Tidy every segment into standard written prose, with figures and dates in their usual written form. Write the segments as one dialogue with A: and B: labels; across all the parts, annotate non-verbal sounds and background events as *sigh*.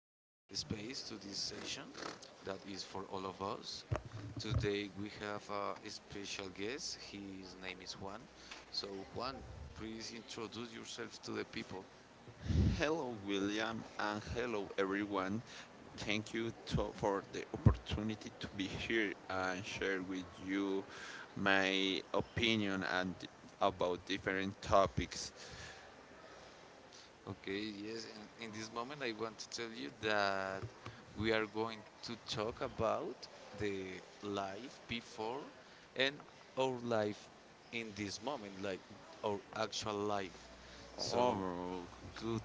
A: space, to this session that is for all of us. Today we have a special guest. His name is Juan. So, Juan, please introduce yourself to the people.
B: Hello, William, and hello, everyone. Thank for the opportunity to be here and share with you my opinion and about different topics.
A: Okay, yes, and in this moment I want to tell you that we are going to talk about the life before and our life in this moment, like our actual life. So
B: Oh, good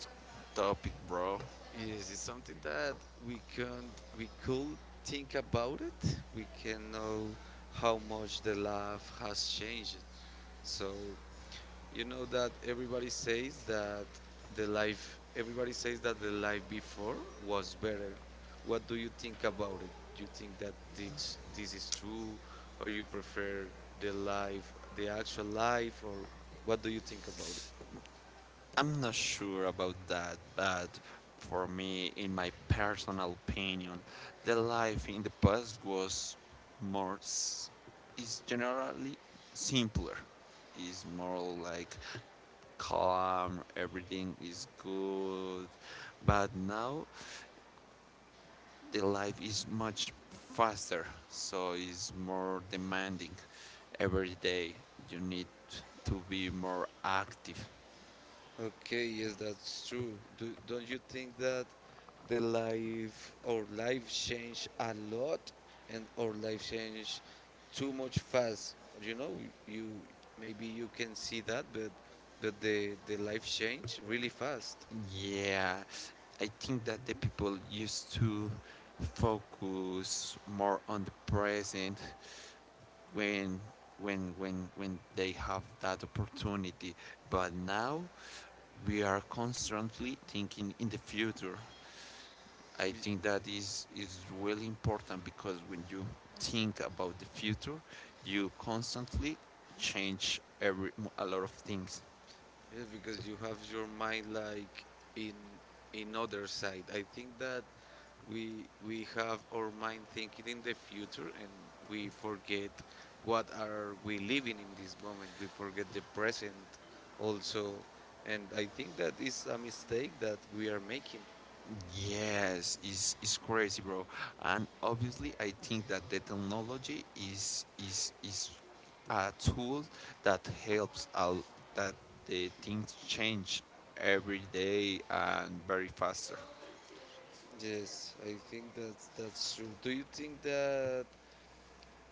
B: topic, bro.
A: yes, it's something that we can we could think about it. We can know how much the life has changed. So you know that everybody says that the life before was better. What do you think about it? Do you think that this is true, or you prefer the actual life, or what do you think about it?
B: I'm not sure about that, but for me, in my personal opinion, the life in the past was more s- is generally simpler. Is more like calm, everything is good. But now the life is much faster, so it's more demanding. Every day you need to be more active.
A: Okay, yes, that's true. Don't you think that our life changed a lot and our life changed too much fast? You know, you maybe you can see that, but the life changed really fast.
B: Yeah, I think that the people used to focus more on the present when when they have that opportunity but now we are constantly thinking in the future. I
A: Y-
B: think that is really important because when you think about the future, you constantly change every a lot of things.
A: Yeah, because you have your mind like in in other side. I think that we have our mind thinking in the future, and we forget what are we living in this moment. We forget the present also, and I think that is a mistake that we are making.
B: Yes, it's crazy, bro. And obviously, I think that the technology is a tool that helps out that the things change every day and very faster.
A: Yes, I think that that's true. Do you think that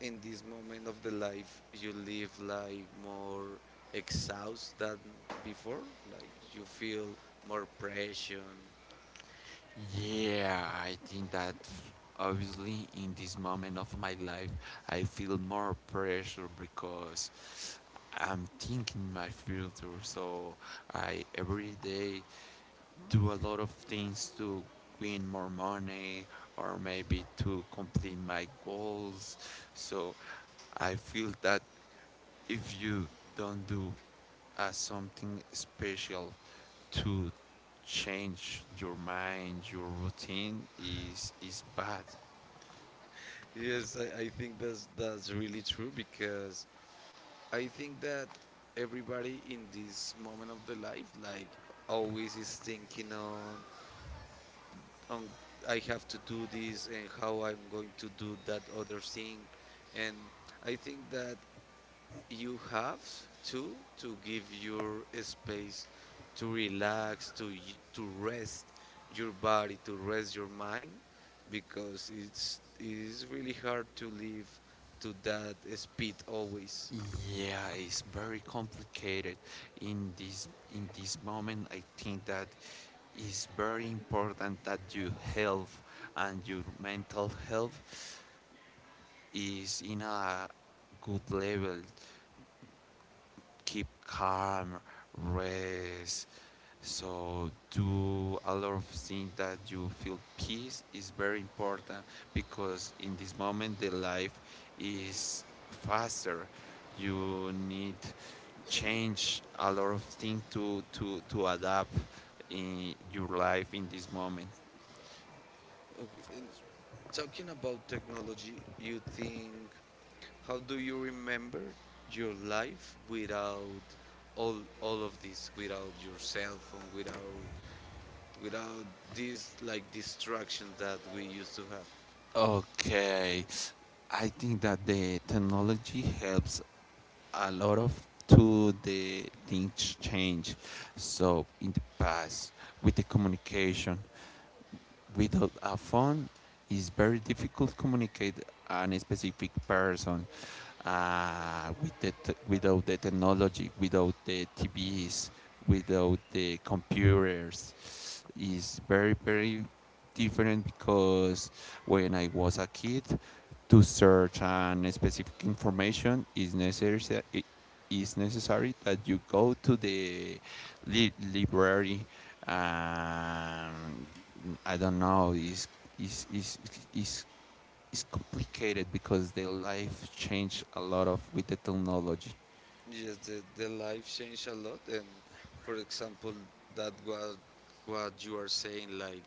A: in this moment of the life you live like more exhausted than before, like you feel more pressure?
B: Yeah, I think that obviously in this moment of my life, I feel more pressure because I'm thinking my future. So I every day do a lot of things to win more money or maybe to complete my goals. So I feel that if you don't do something special to change your mind, your routine is bad.
A: Yes, I think that's really true, because I think that everybody in this moment of the life, like, always is thinking on I have to do this and how I'm going to do that other thing, and I think that you have to give your space to relax, to rest your body, to rest your mind, because it's really hard to live to that speed always.
B: Yeah, it's very complicated. In this in this moment, I think that it's very important that your health and your mental health is in a good level. Keep calm, rest. So do a lot of things that you feel peace is very important because in this moment the life is faster. You need change a lot of things to adapt in your life in this moment.
A: Okay, and talking about technology, you think how do you remember your life without all of this, without your cell phone, without these like distractions that we used to have?
B: Okay, I think that the technology helps a lot of to the things change. So in the past, with the communication, without a phone, it's very difficult to communicate an specific person with without the technology, without the TVs, without the computers is very different because when I was a kid, to search an specific information is necessary. It is necessary that you go to the library. Um, I don't know. Is is is is complicated because their life changed a lot of with the technology.
A: Yes, the life changed a lot, and for example, that was what you are saying, like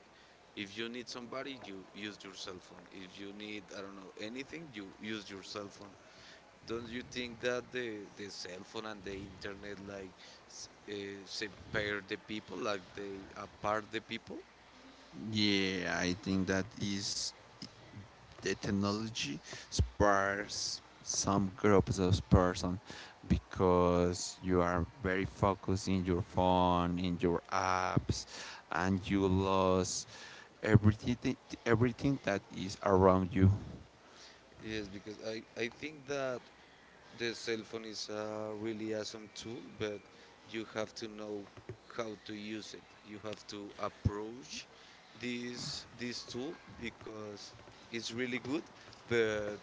A: if you need somebody, you use your cell phone. If you need, I don't know, anything, you use your cell phone. Don't you think that the cell phone and the internet, like, s- uh, separe the people, like they apart the people?
B: Yeah, I think that is the technology spurs some groups of person because you are very focused in your phone, in your apps, and you lose everything everything that is around you.
A: Yes, because I think that the cell phone is a really awesome tool, but you have to know how to use it. You have to approach this tool, because it's really good, but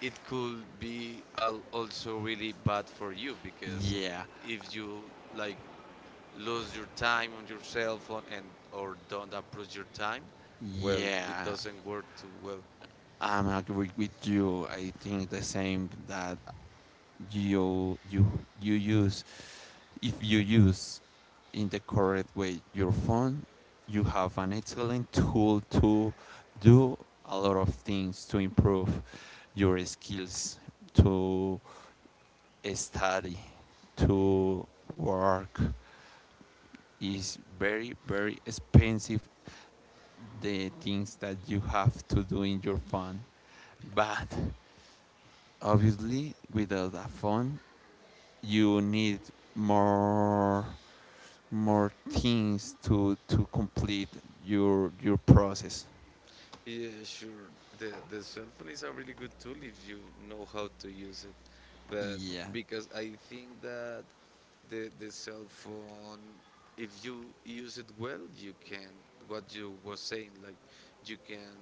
A: it could be also really bad for you, because
B: Yeah,
A: if you like lose your time on your cell phone, and or don't approach your time, well, it
B: yeah,
A: doesn't work too well.
B: I'm agree with you. I think the same that you you you use if you use in the correct way your phone. You have an excellent tool to do a lot of things to improve your skills, to study, to work. Is very expensive the things that you have to do in your phone, but obviously without a phone you need more more things to complete your process.
A: Yeah, sure. The cell phone is a really good tool if you know how to use it. But
B: Yeah,
A: because I think that the cell phone, if you use it well, you can, what you were saying, like you can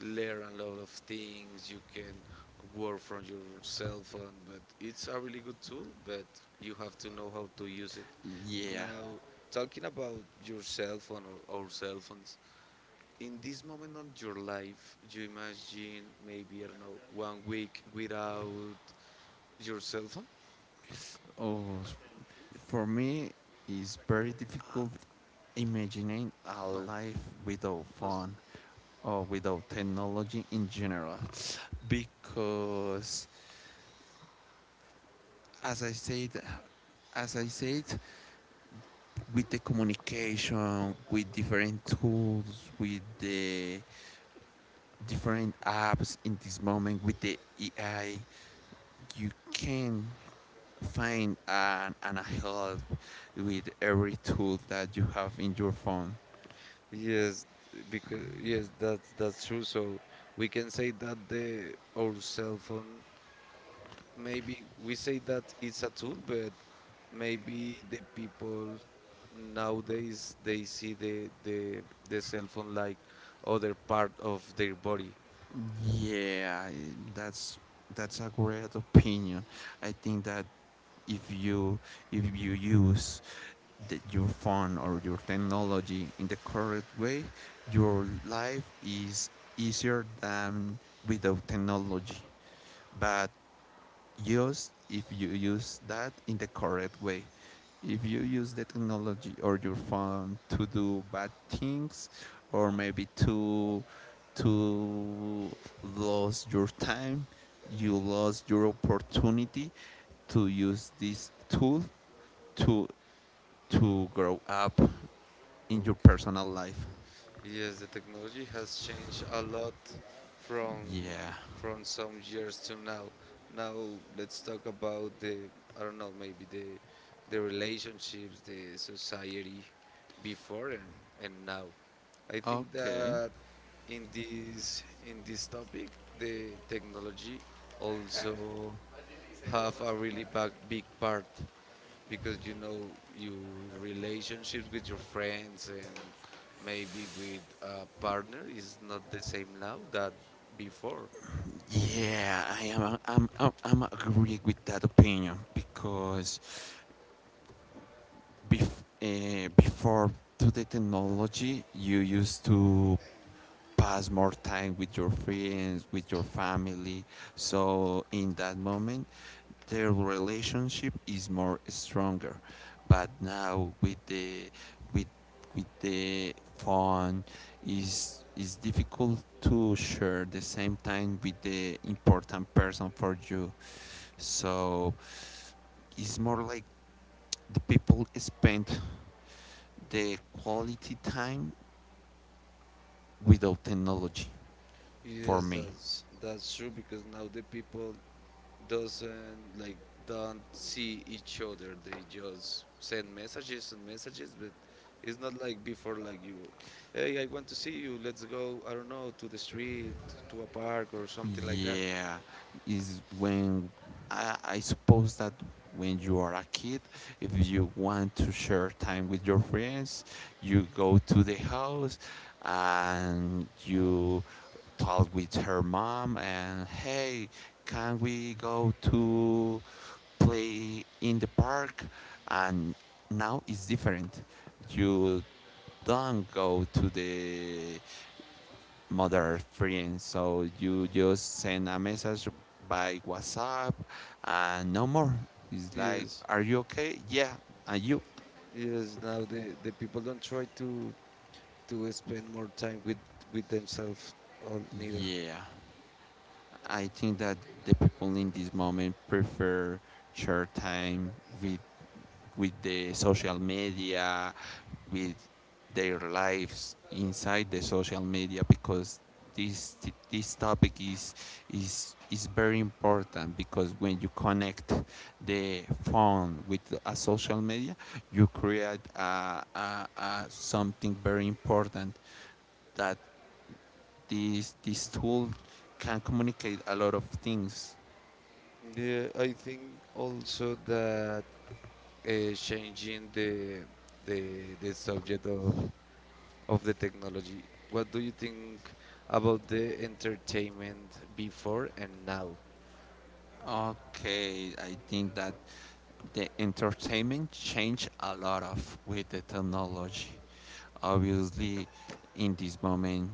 A: learn a lot of things. You can work from your cell phone, but it's a really good tool. But you have to know how to use it.
B: yeah.
A: Now, talking about your cell phone or our cell phones, in this moment of your life, you imagine maybe, I don't know, one week without your cell phone?
B: Oh, for me, it's very
A: Uh,
B: difficult imagining a
A: no.
B: life without
A: Not.
B: phone or without technology in general, because as I said. As I said, with the communication, with different tools, with the different apps in this moment with the AI. You can find an help with every tool that you have in your phone.
A: Yes, because yes, that's true. So we can say that the our cell phone, maybe we say that it's a tool, but maybe the people nowadays, they see the cell phone like other part of their body.
B: Yeah, that's that's a great opinion. I think that if you if you use your phone or your technology in the correct way, your life is easier than without technology. But just if you use that in the correct way. If you use the technology or your phone to do bad things or maybe to lose your time, you lost your opportunity to use this tool to to grow up in your personal life.
A: Yes, the technology has changed a lot, from
B: Yeah.
A: from some years to now. Now, let's talk about the, I don't know, maybe the relationships, the society before and now. I think
B: Okay.
A: that in this topic the technology also have a really big, big part, because you know your relationships with your friends and maybe with a partner is not the same now that before.
B: Yeah, I am. I'm. I'm. I'm agree with that opinion because before to the technology, you used to pass more time with your friends, with your family. So in that moment, their relationship is more stronger. But now with with the phone, is difficult to share the same time with the important person for you. So it's more like the people spend the quality time without technology for
A: Yes,
B: me.
A: that's true, because now the people doesn't, like, don't see each other, they just send messages and messages, but it's not like before, like you, "Hey, I want to see you, let's go, I don't know, to the street, to a park, or something like that."
B: Yeah, is when I suppose that when you are a kid, if you want to share time with your friends, you go to the house and you talk with her mom and hey, can we go to play in the park? And now it's different. You don't go to the mother friend. So you just send a message by WhatsApp and no more. It's like,
A: Yes,
B: are you okay? Yeah. And you?
A: yes, now the people don't try to spend more time with themselves or neither.
B: Yeah. I think that the people in this moment prefer short time with the social media, with their lives inside the social media because this this topic is very important because when you connect the phone with a social media you create a something very important that this tool can communicate a lot of things.
A: Yeah, I think also that changing the subject of the technology, what do you think about the entertainment before and now?
B: Okay, I think that the entertainment changed a lot of with the technology. Obviously, in this moment,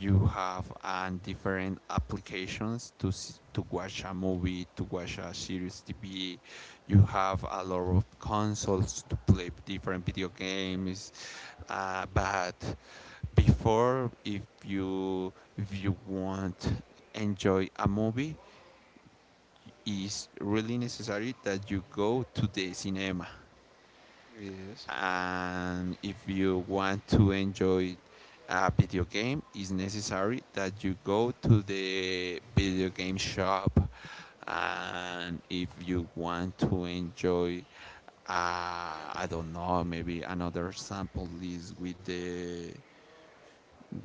B: you have different applications to to watch a movie, to watch a series TV. You have a lot of consoles to play different video games, but before, if you want enjoy a movie, is really necessary that you go to the cinema,
A: Yes.
B: and if you want to enjoy a video game it's necessary that you go to the video game shop, and if you want to enjoy I don't know maybe another sample list with the,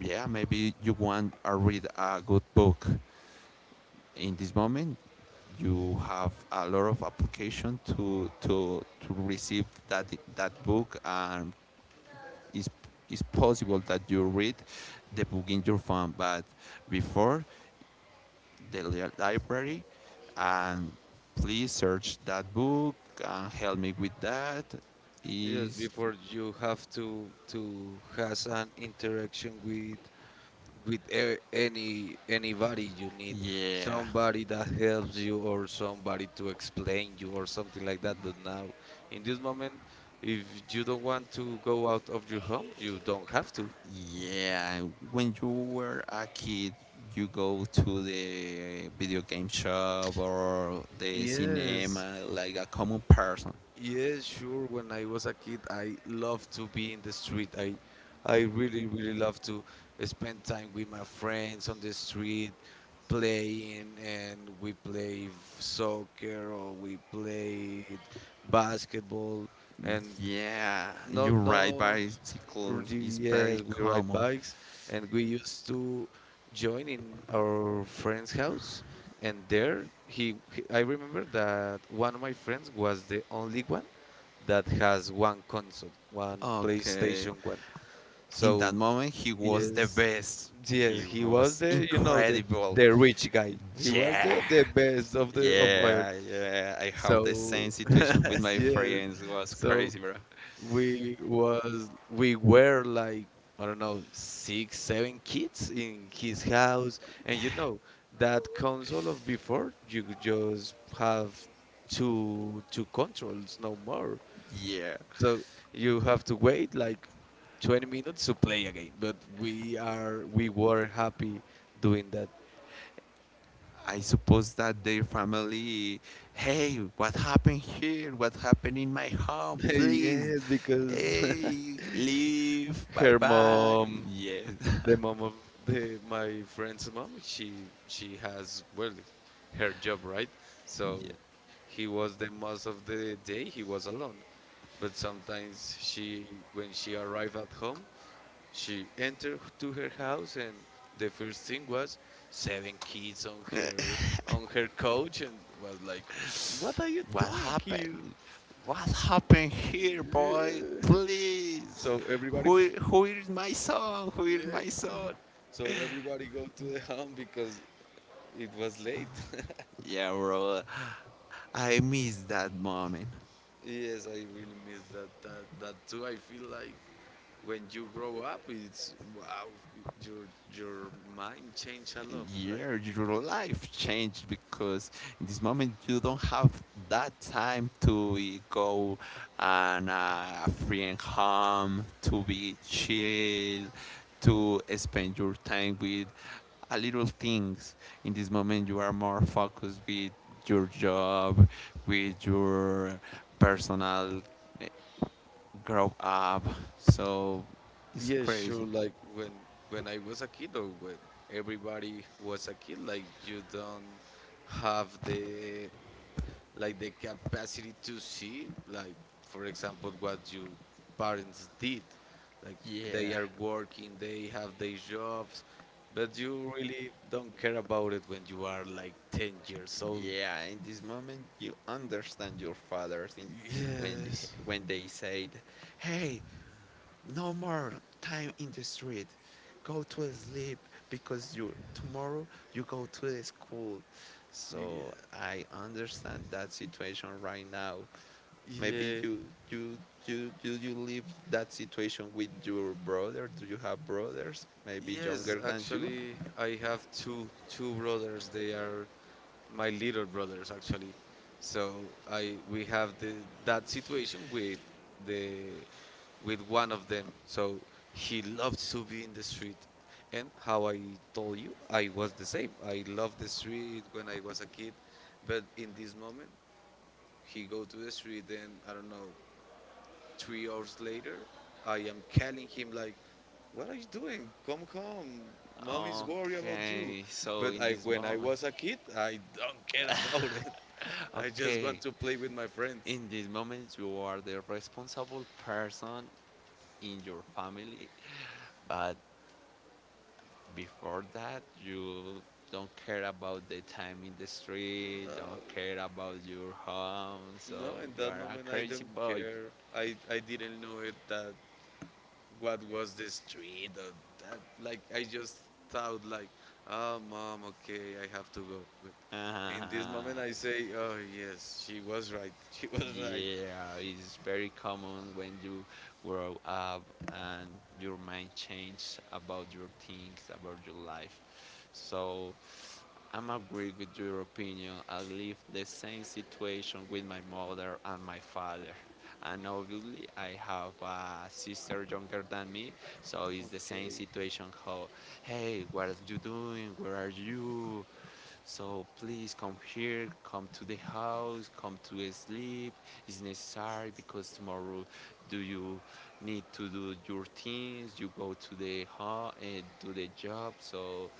B: yeah, maybe you want to read a good book. In this moment you have a lot of application to receive that book and it's, it's possible that you read the book in your phone, but before the library, and please search that book and help me with that.
A: Yes,
B: Is
A: before you have to has an interaction with anybody, you need
B: yeah,
A: somebody that helps you or somebody to explain you or something like that. But now, in this moment, if you don't want to go out of your home, you don't have to.
B: yeah. When you were a kid, you go to the video game shop or the
A: Yes,
B: cinema like a common person.
A: yes, sure. When I was a kid, I loved to be in the street. I really really love to spend time with my friends on the street playing, and we play soccer or we played basketball. And
B: Yeah, you
A: no,
B: ride
A: no,
B: bicycles
A: really,
B: is very
A: yes, we ride
B: common.
A: bikes, and we used to join in our friend's house, and there he I remember that one of my friends was the only one that has one console, one
B: Okay.
A: playstation one.
B: In
A: So
B: that moment he was the
A: yes,
B: best.
A: yes,
B: He
A: he was
B: was
A: the you know the
B: incredible.
A: the rich guy. He was
B: Yeah.
A: the best of oil.
B: Yeah. I have the same
A: So *laughs*
B: situation with my
A: yes,
B: friends. It was
A: so
B: crazy, bro.
A: we were like, I don't know, six seven kids in his house, and you know that console of before, you could just have two controls, no more.
B: Yeah.
A: So you have to wait like 20 minutes to play again. But we were happy doing that.
B: I suppose that their family, hey, what happened here? What happened in my home? Please,
A: *laughs* Yes, because *laughs*
B: hey, leave. Bye
A: her
B: bye.
A: mom,
B: Yeah.
A: the
B: *laughs*
A: mom of the my friend's mom, she has, well, her job, right. So
B: yeah.
A: he was the most of the day he was alone. But sometimes she when she arrived at home, she entered to her house, and the first thing was seven kids on her couch, and was like, "What are you
B: What
A: doing here?"
B: happened? What happened here, boy?
A: *laughs*
B: Please.
A: So everybody, f-
B: Who is my son? Who is my
A: Yes.
B: son?
A: So everybody go to the home because it was late.
B: Yeah, bro. I miss that moment.
A: *laughs* Yes, I really miss that too. I feel like when you grow up, it's wow, your mind change a lot. Like,
B: Year your life changed because in this moment you don't have that time to go and a friend home to be chill, to spend your time with a little things. In this moment you are more focused with your job, with your personal eh, grow up. So it's
A: yeah,
B: crazy
A: sure. Like when I was a kid, or when everybody was a kid, like you don't have the like the capacity to see, like for example, what your parents did. Like,
B: yeah.
A: they are working, they have their jobs, but you really don't care about it when you are like 10 years old.
B: Yeah, in this moment you understand your fathers in, when
A: Yes.
B: they said, "Hey, no more time in the street. Go to sleep because you tomorrow you go to the school." So
A: Yeah.
B: I understand that situation right now. Maybe
A: Yeah.
B: you you live that situation with your brother. Do you have brothers? Maybe
A: Yes,
B: younger than you?
A: actually, I have two brothers. They are my little brothers actually. So I we have that situation with the with one of them. So he loves to be in the street, and how I told you, I was the same. I loved the street when I was a kid, but in this moment, he go to the street, and I don't know, 3 hours later, I am calling him like, "What are you doing? Come home." Mom is worried about you,
B: Okay, so
A: but
B: in
A: I,
B: this
A: when I
B: moment,
A: was a kid, I don't care about it. I just want
B: okay,
A: to play with my friends.
B: in this moment you are the responsible person in your family but before that you don't care about the time in the street,
A: No,
B: don't care about your home. So
A: no, in
B: you
A: that
B: are a
A: moment I
B: crazy
A: don't
B: boy.
A: care. I didn't know it that what was the street or that. Like, I just thought like, "Oh, mom, okay, I have to go." But in
B: *laughs*
A: this moment I say, "Oh yes, she was right." *laughs* She was right.
B: Yeah, it's very common when you grow up and your mind changes about your things about your life. So I'm agree with your opinion. I live the same situation with my mother and my father. And obviously, I have a sister younger than me, so it's the same
A: Okay,
B: situation. How, hey, what are you doing? Where are you? So please come here, come to the house, come to sleep. It's necessary because tomorrow do you need to do your things, you go to the to the job. So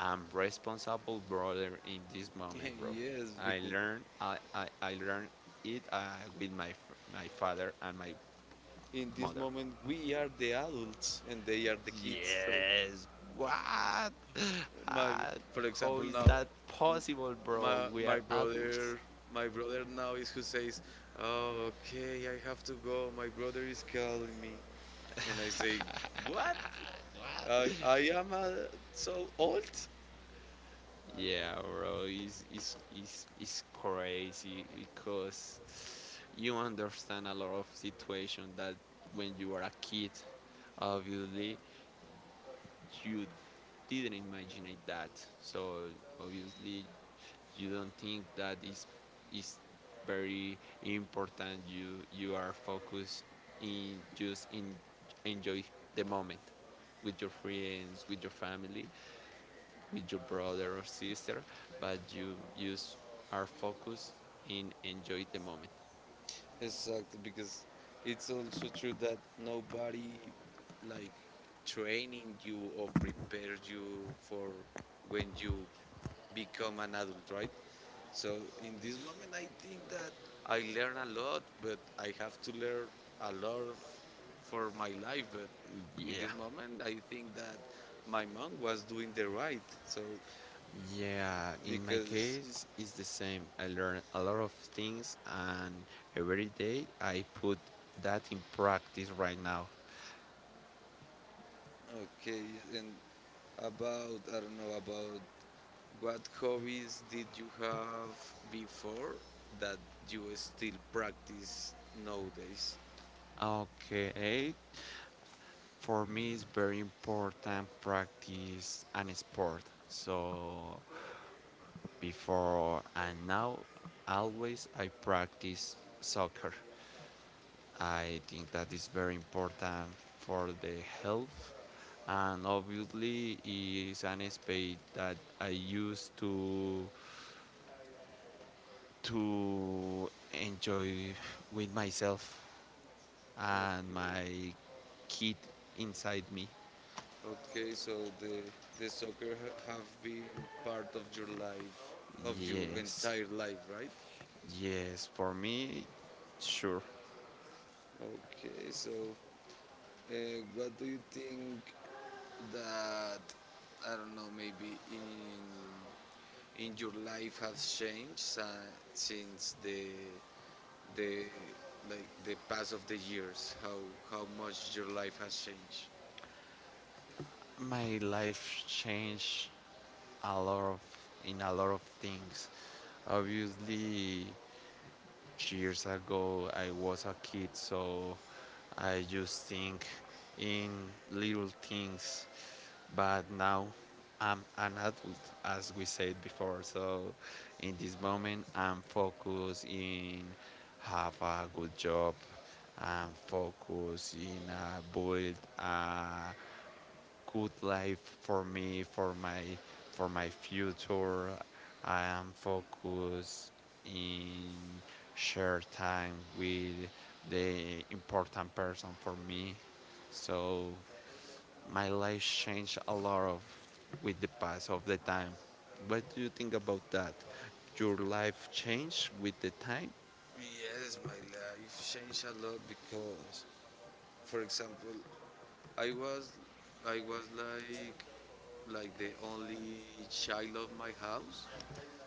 B: I'm responsible brother in this moment,
A: *laughs*
B: bro.
A: yes, because
B: I learn it with my father and my
A: in this
B: mother.
A: moment we are the adults and they are the kids. So
B: Yes, what?
A: my
B: Uh,
A: for
B: how
A: example
B: is
A: now
B: that
A: m-
B: possible, bro?
A: my
B: We are
A: my
B: adults.
A: brother, my brother now is who says, "Oh, okay, I have to go, my brother is calling me." And I say, "What?
B: *laughs*
A: i,
B: What?
A: I am so old."
B: Yeah, bro, it's crazy because you understand a lot of situation that when you are a kid, obviously, you didn't imagine that. So obviously you don't think that is very important. You are focused in just in enjoy the moment with your friends, with your family, with your brother or sister, but you are focused in enjoy the moment.
A: Exactly, because it's also true that nobody like training you or prepares you for when you become an adult, right. So in this moment, I think that I learn a lot, but I have to learn a lot for my life. But in
B: Yeah.
A: this moment, I think that my mom was doing the right. So,
B: Yeah, in my
A: because
B: case, it's the same. I learn a lot of things, and every day I put that in practice right now.
A: okay, and about I don't know about what hobbies did you have before that you still practice nowadays?
B: Okay, for me, it's very important practice and sport. So, before and now, always I practice soccer. I think that is very important for the health, and obviously is an space that I use to enjoy with myself and
A: Okay.
B: my kid inside me.
A: Okay, so the soccer have been part of your life, of your
B: Yes,
A: entire life, right?
B: yes, for me, sure.
A: Okay, so uh, what do you think that, I don't know, maybe in your life has changed since the the pass of the years? How much your life has changed?
B: My life changed a lot of in a lot of things. Obviously, years ago I was a kid, so I just think in little things. But now I'm an adult, as we said before. So in this moment, I'm focused in have a good job. I'm focused in build a good life for me, for my future. I am focused in share time with the important person for me. So my life changed a lot of with the pass of the time. What do you think about that? Your life changed with the time?
A: Yes, my life changed a lot because, for example, I was I was like the only child of my house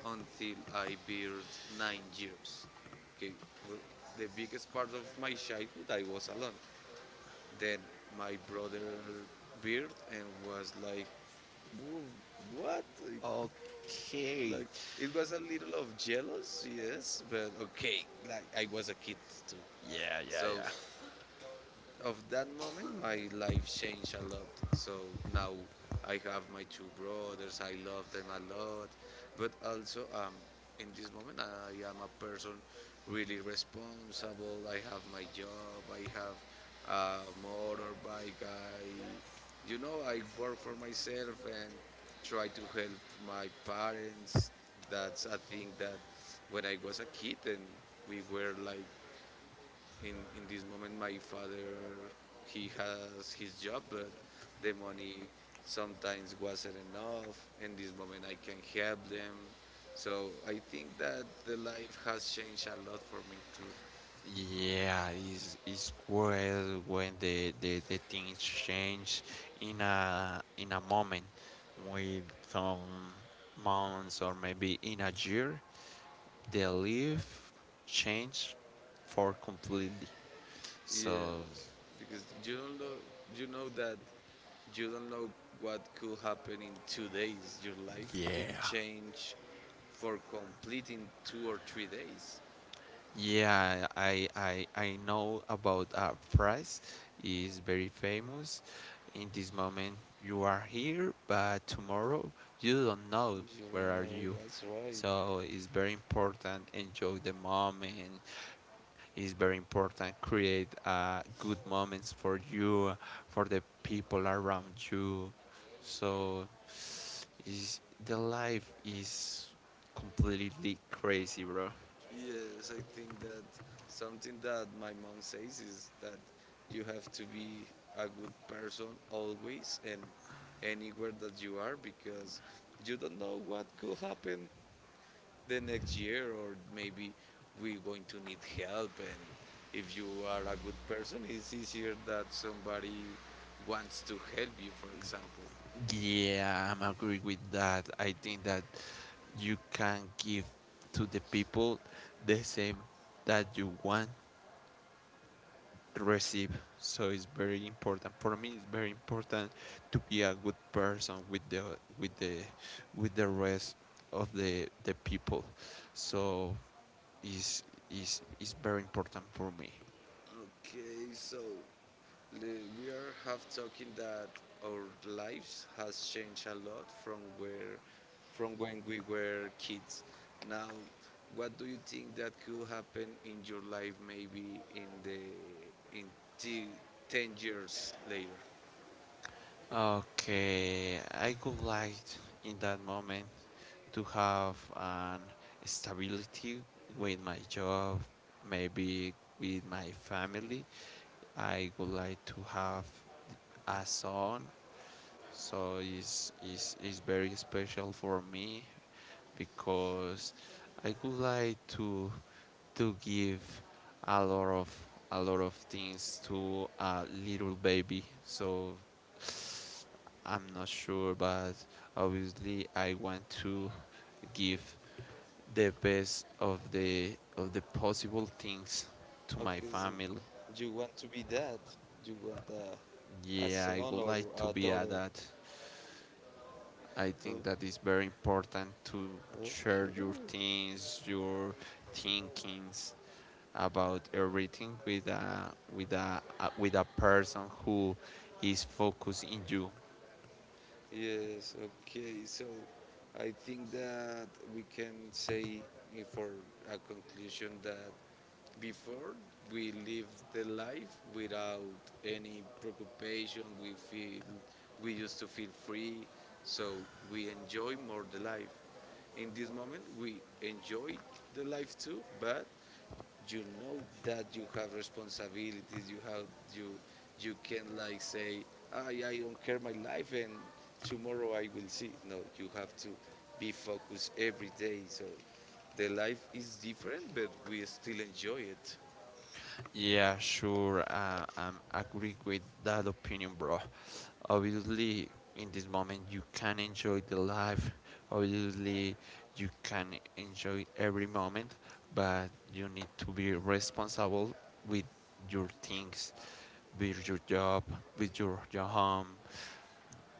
A: until I built 9 years. Okay, well, the biggest part of my childhood I was alone. Then my brother built and was like, "Whoa, what?" Like
B: Okay.
A: like, it was a little of jealous, yes, but okay, like I was a kid too.
B: Yeah, yeah,
A: So
B: yeah.
A: of that moment, my life changed a lot. So now I have my two brothers. I love them a lot, but also in this moment, I am a person really responsible. I have my job. I have a motorbike. I work for myself and try to help my parents. That's a thing that when I was a kid, and we were like, in this moment my father, he has his job, but the money sometimes wasn't enough. In this moment I can help them. So I think that the life has changed a lot for me too.
B: Yeah, it's great when the things change in a moment, with some months or maybe in a year, the life change for completely. So
A: Yes, because you don't know, you know that you don't know what could happen. In 2 days your life could
B: yeah,
A: change, for complete, in 2 or 3 days.
B: yeah, I know about price is very famous. In this moment, you are here, but tomorrow you don't know
A: You
B: where are
A: know,
B: you.
A: that's right.
B: So it's very important enjoy the moment. It's very important create good moments for you, for the people around you. So is the life is completely crazy, bro.
A: Yes, I think that something that my mom says is that you have to be a good person always and anywhere that you are, because you don't know what could happen the next year, or maybe we're going to need help, and if you are a good person, it's easier that somebody wants to help you, for example.
B: Yeah, I'm agree with that. I think that you can give to the people the same that you want to receive. So it's very important for me. It's very important to be a good person with the with the with the rest of the people. So is is very important for me.
A: Okay, so we are have talking that our lives has changed a lot from when we were kids. Now, what do you think that could happen in your life, maybe in the in t- 10 years later?
B: Okay, I would like in that moment to have an stability with my job, maybe with my family. I would like to have a son, so it's very special for me because I would like to give a lot of things to a little baby. So I'm not sure, but obviously I want to give the best of the possible things to my
A: Okay, so
B: family.
A: you want to be dad? You want a
B: Yeah, I
A: son
B: would
A: or
B: like
A: a
B: to be a
A: daughter?
B: dad. I think
A: O-
B: that is very important to
A: Okay.
B: share your things, your thinkings, about everything with a with a with a person who is focused in you.
A: Yes, okay. So I think that we can say, for a conclusion, that before we live the life without any preoccupation. We feel we used to feel free, so we enjoy more the life. In this moment, we enjoy the life too, but you know that you have responsibilities. You have you you can like say, "Ah, yeah, I don't care my life, and tomorrow I will see." No, you have to be focused every day. So the life is different, but we still enjoy it.
B: Yeah, sure. I'm agree with that opinion, bro. Obviously, in this moment, you can enjoy the life. Obviously, you can enjoy every moment, but you need to be responsible with your things, with your job, with your home,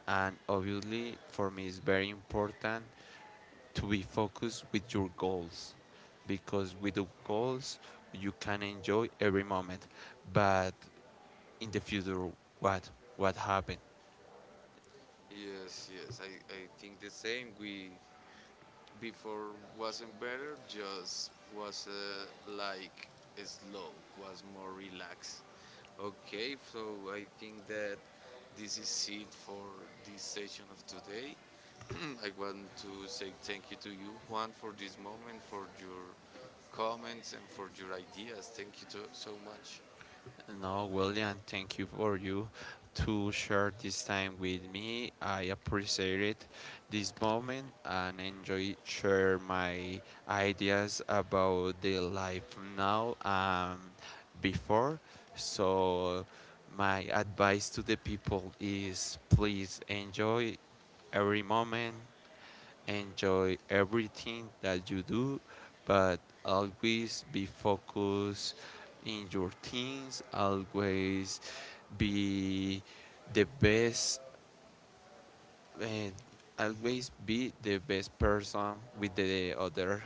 B: and obviously, for me, it's very important to be focused with your goals because with the goals you can enjoy every moment but in the future what what happened.
A: Yes, yes, I think the same. We before wasn't better, just was like slow, was more relaxed. Okay, so I think that this is it for this session of today. *clears throat* I want to say thank you to you, Juan, for this moment, for your comments, and for your ideas. Thank you to, so much.
B: No, William, thank you for you to share this time with me. I appreciated this moment and enjoy share my ideas about the life now and before. So my advice to the people is please enjoy every moment. Enjoy everything that you do, but always be focused in your things, always be the best and always be the best person with the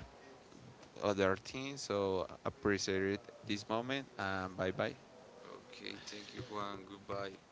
B: other team. So appreciate this moment and bye bye.
A: Okay, thank you, Juan. Goodbye.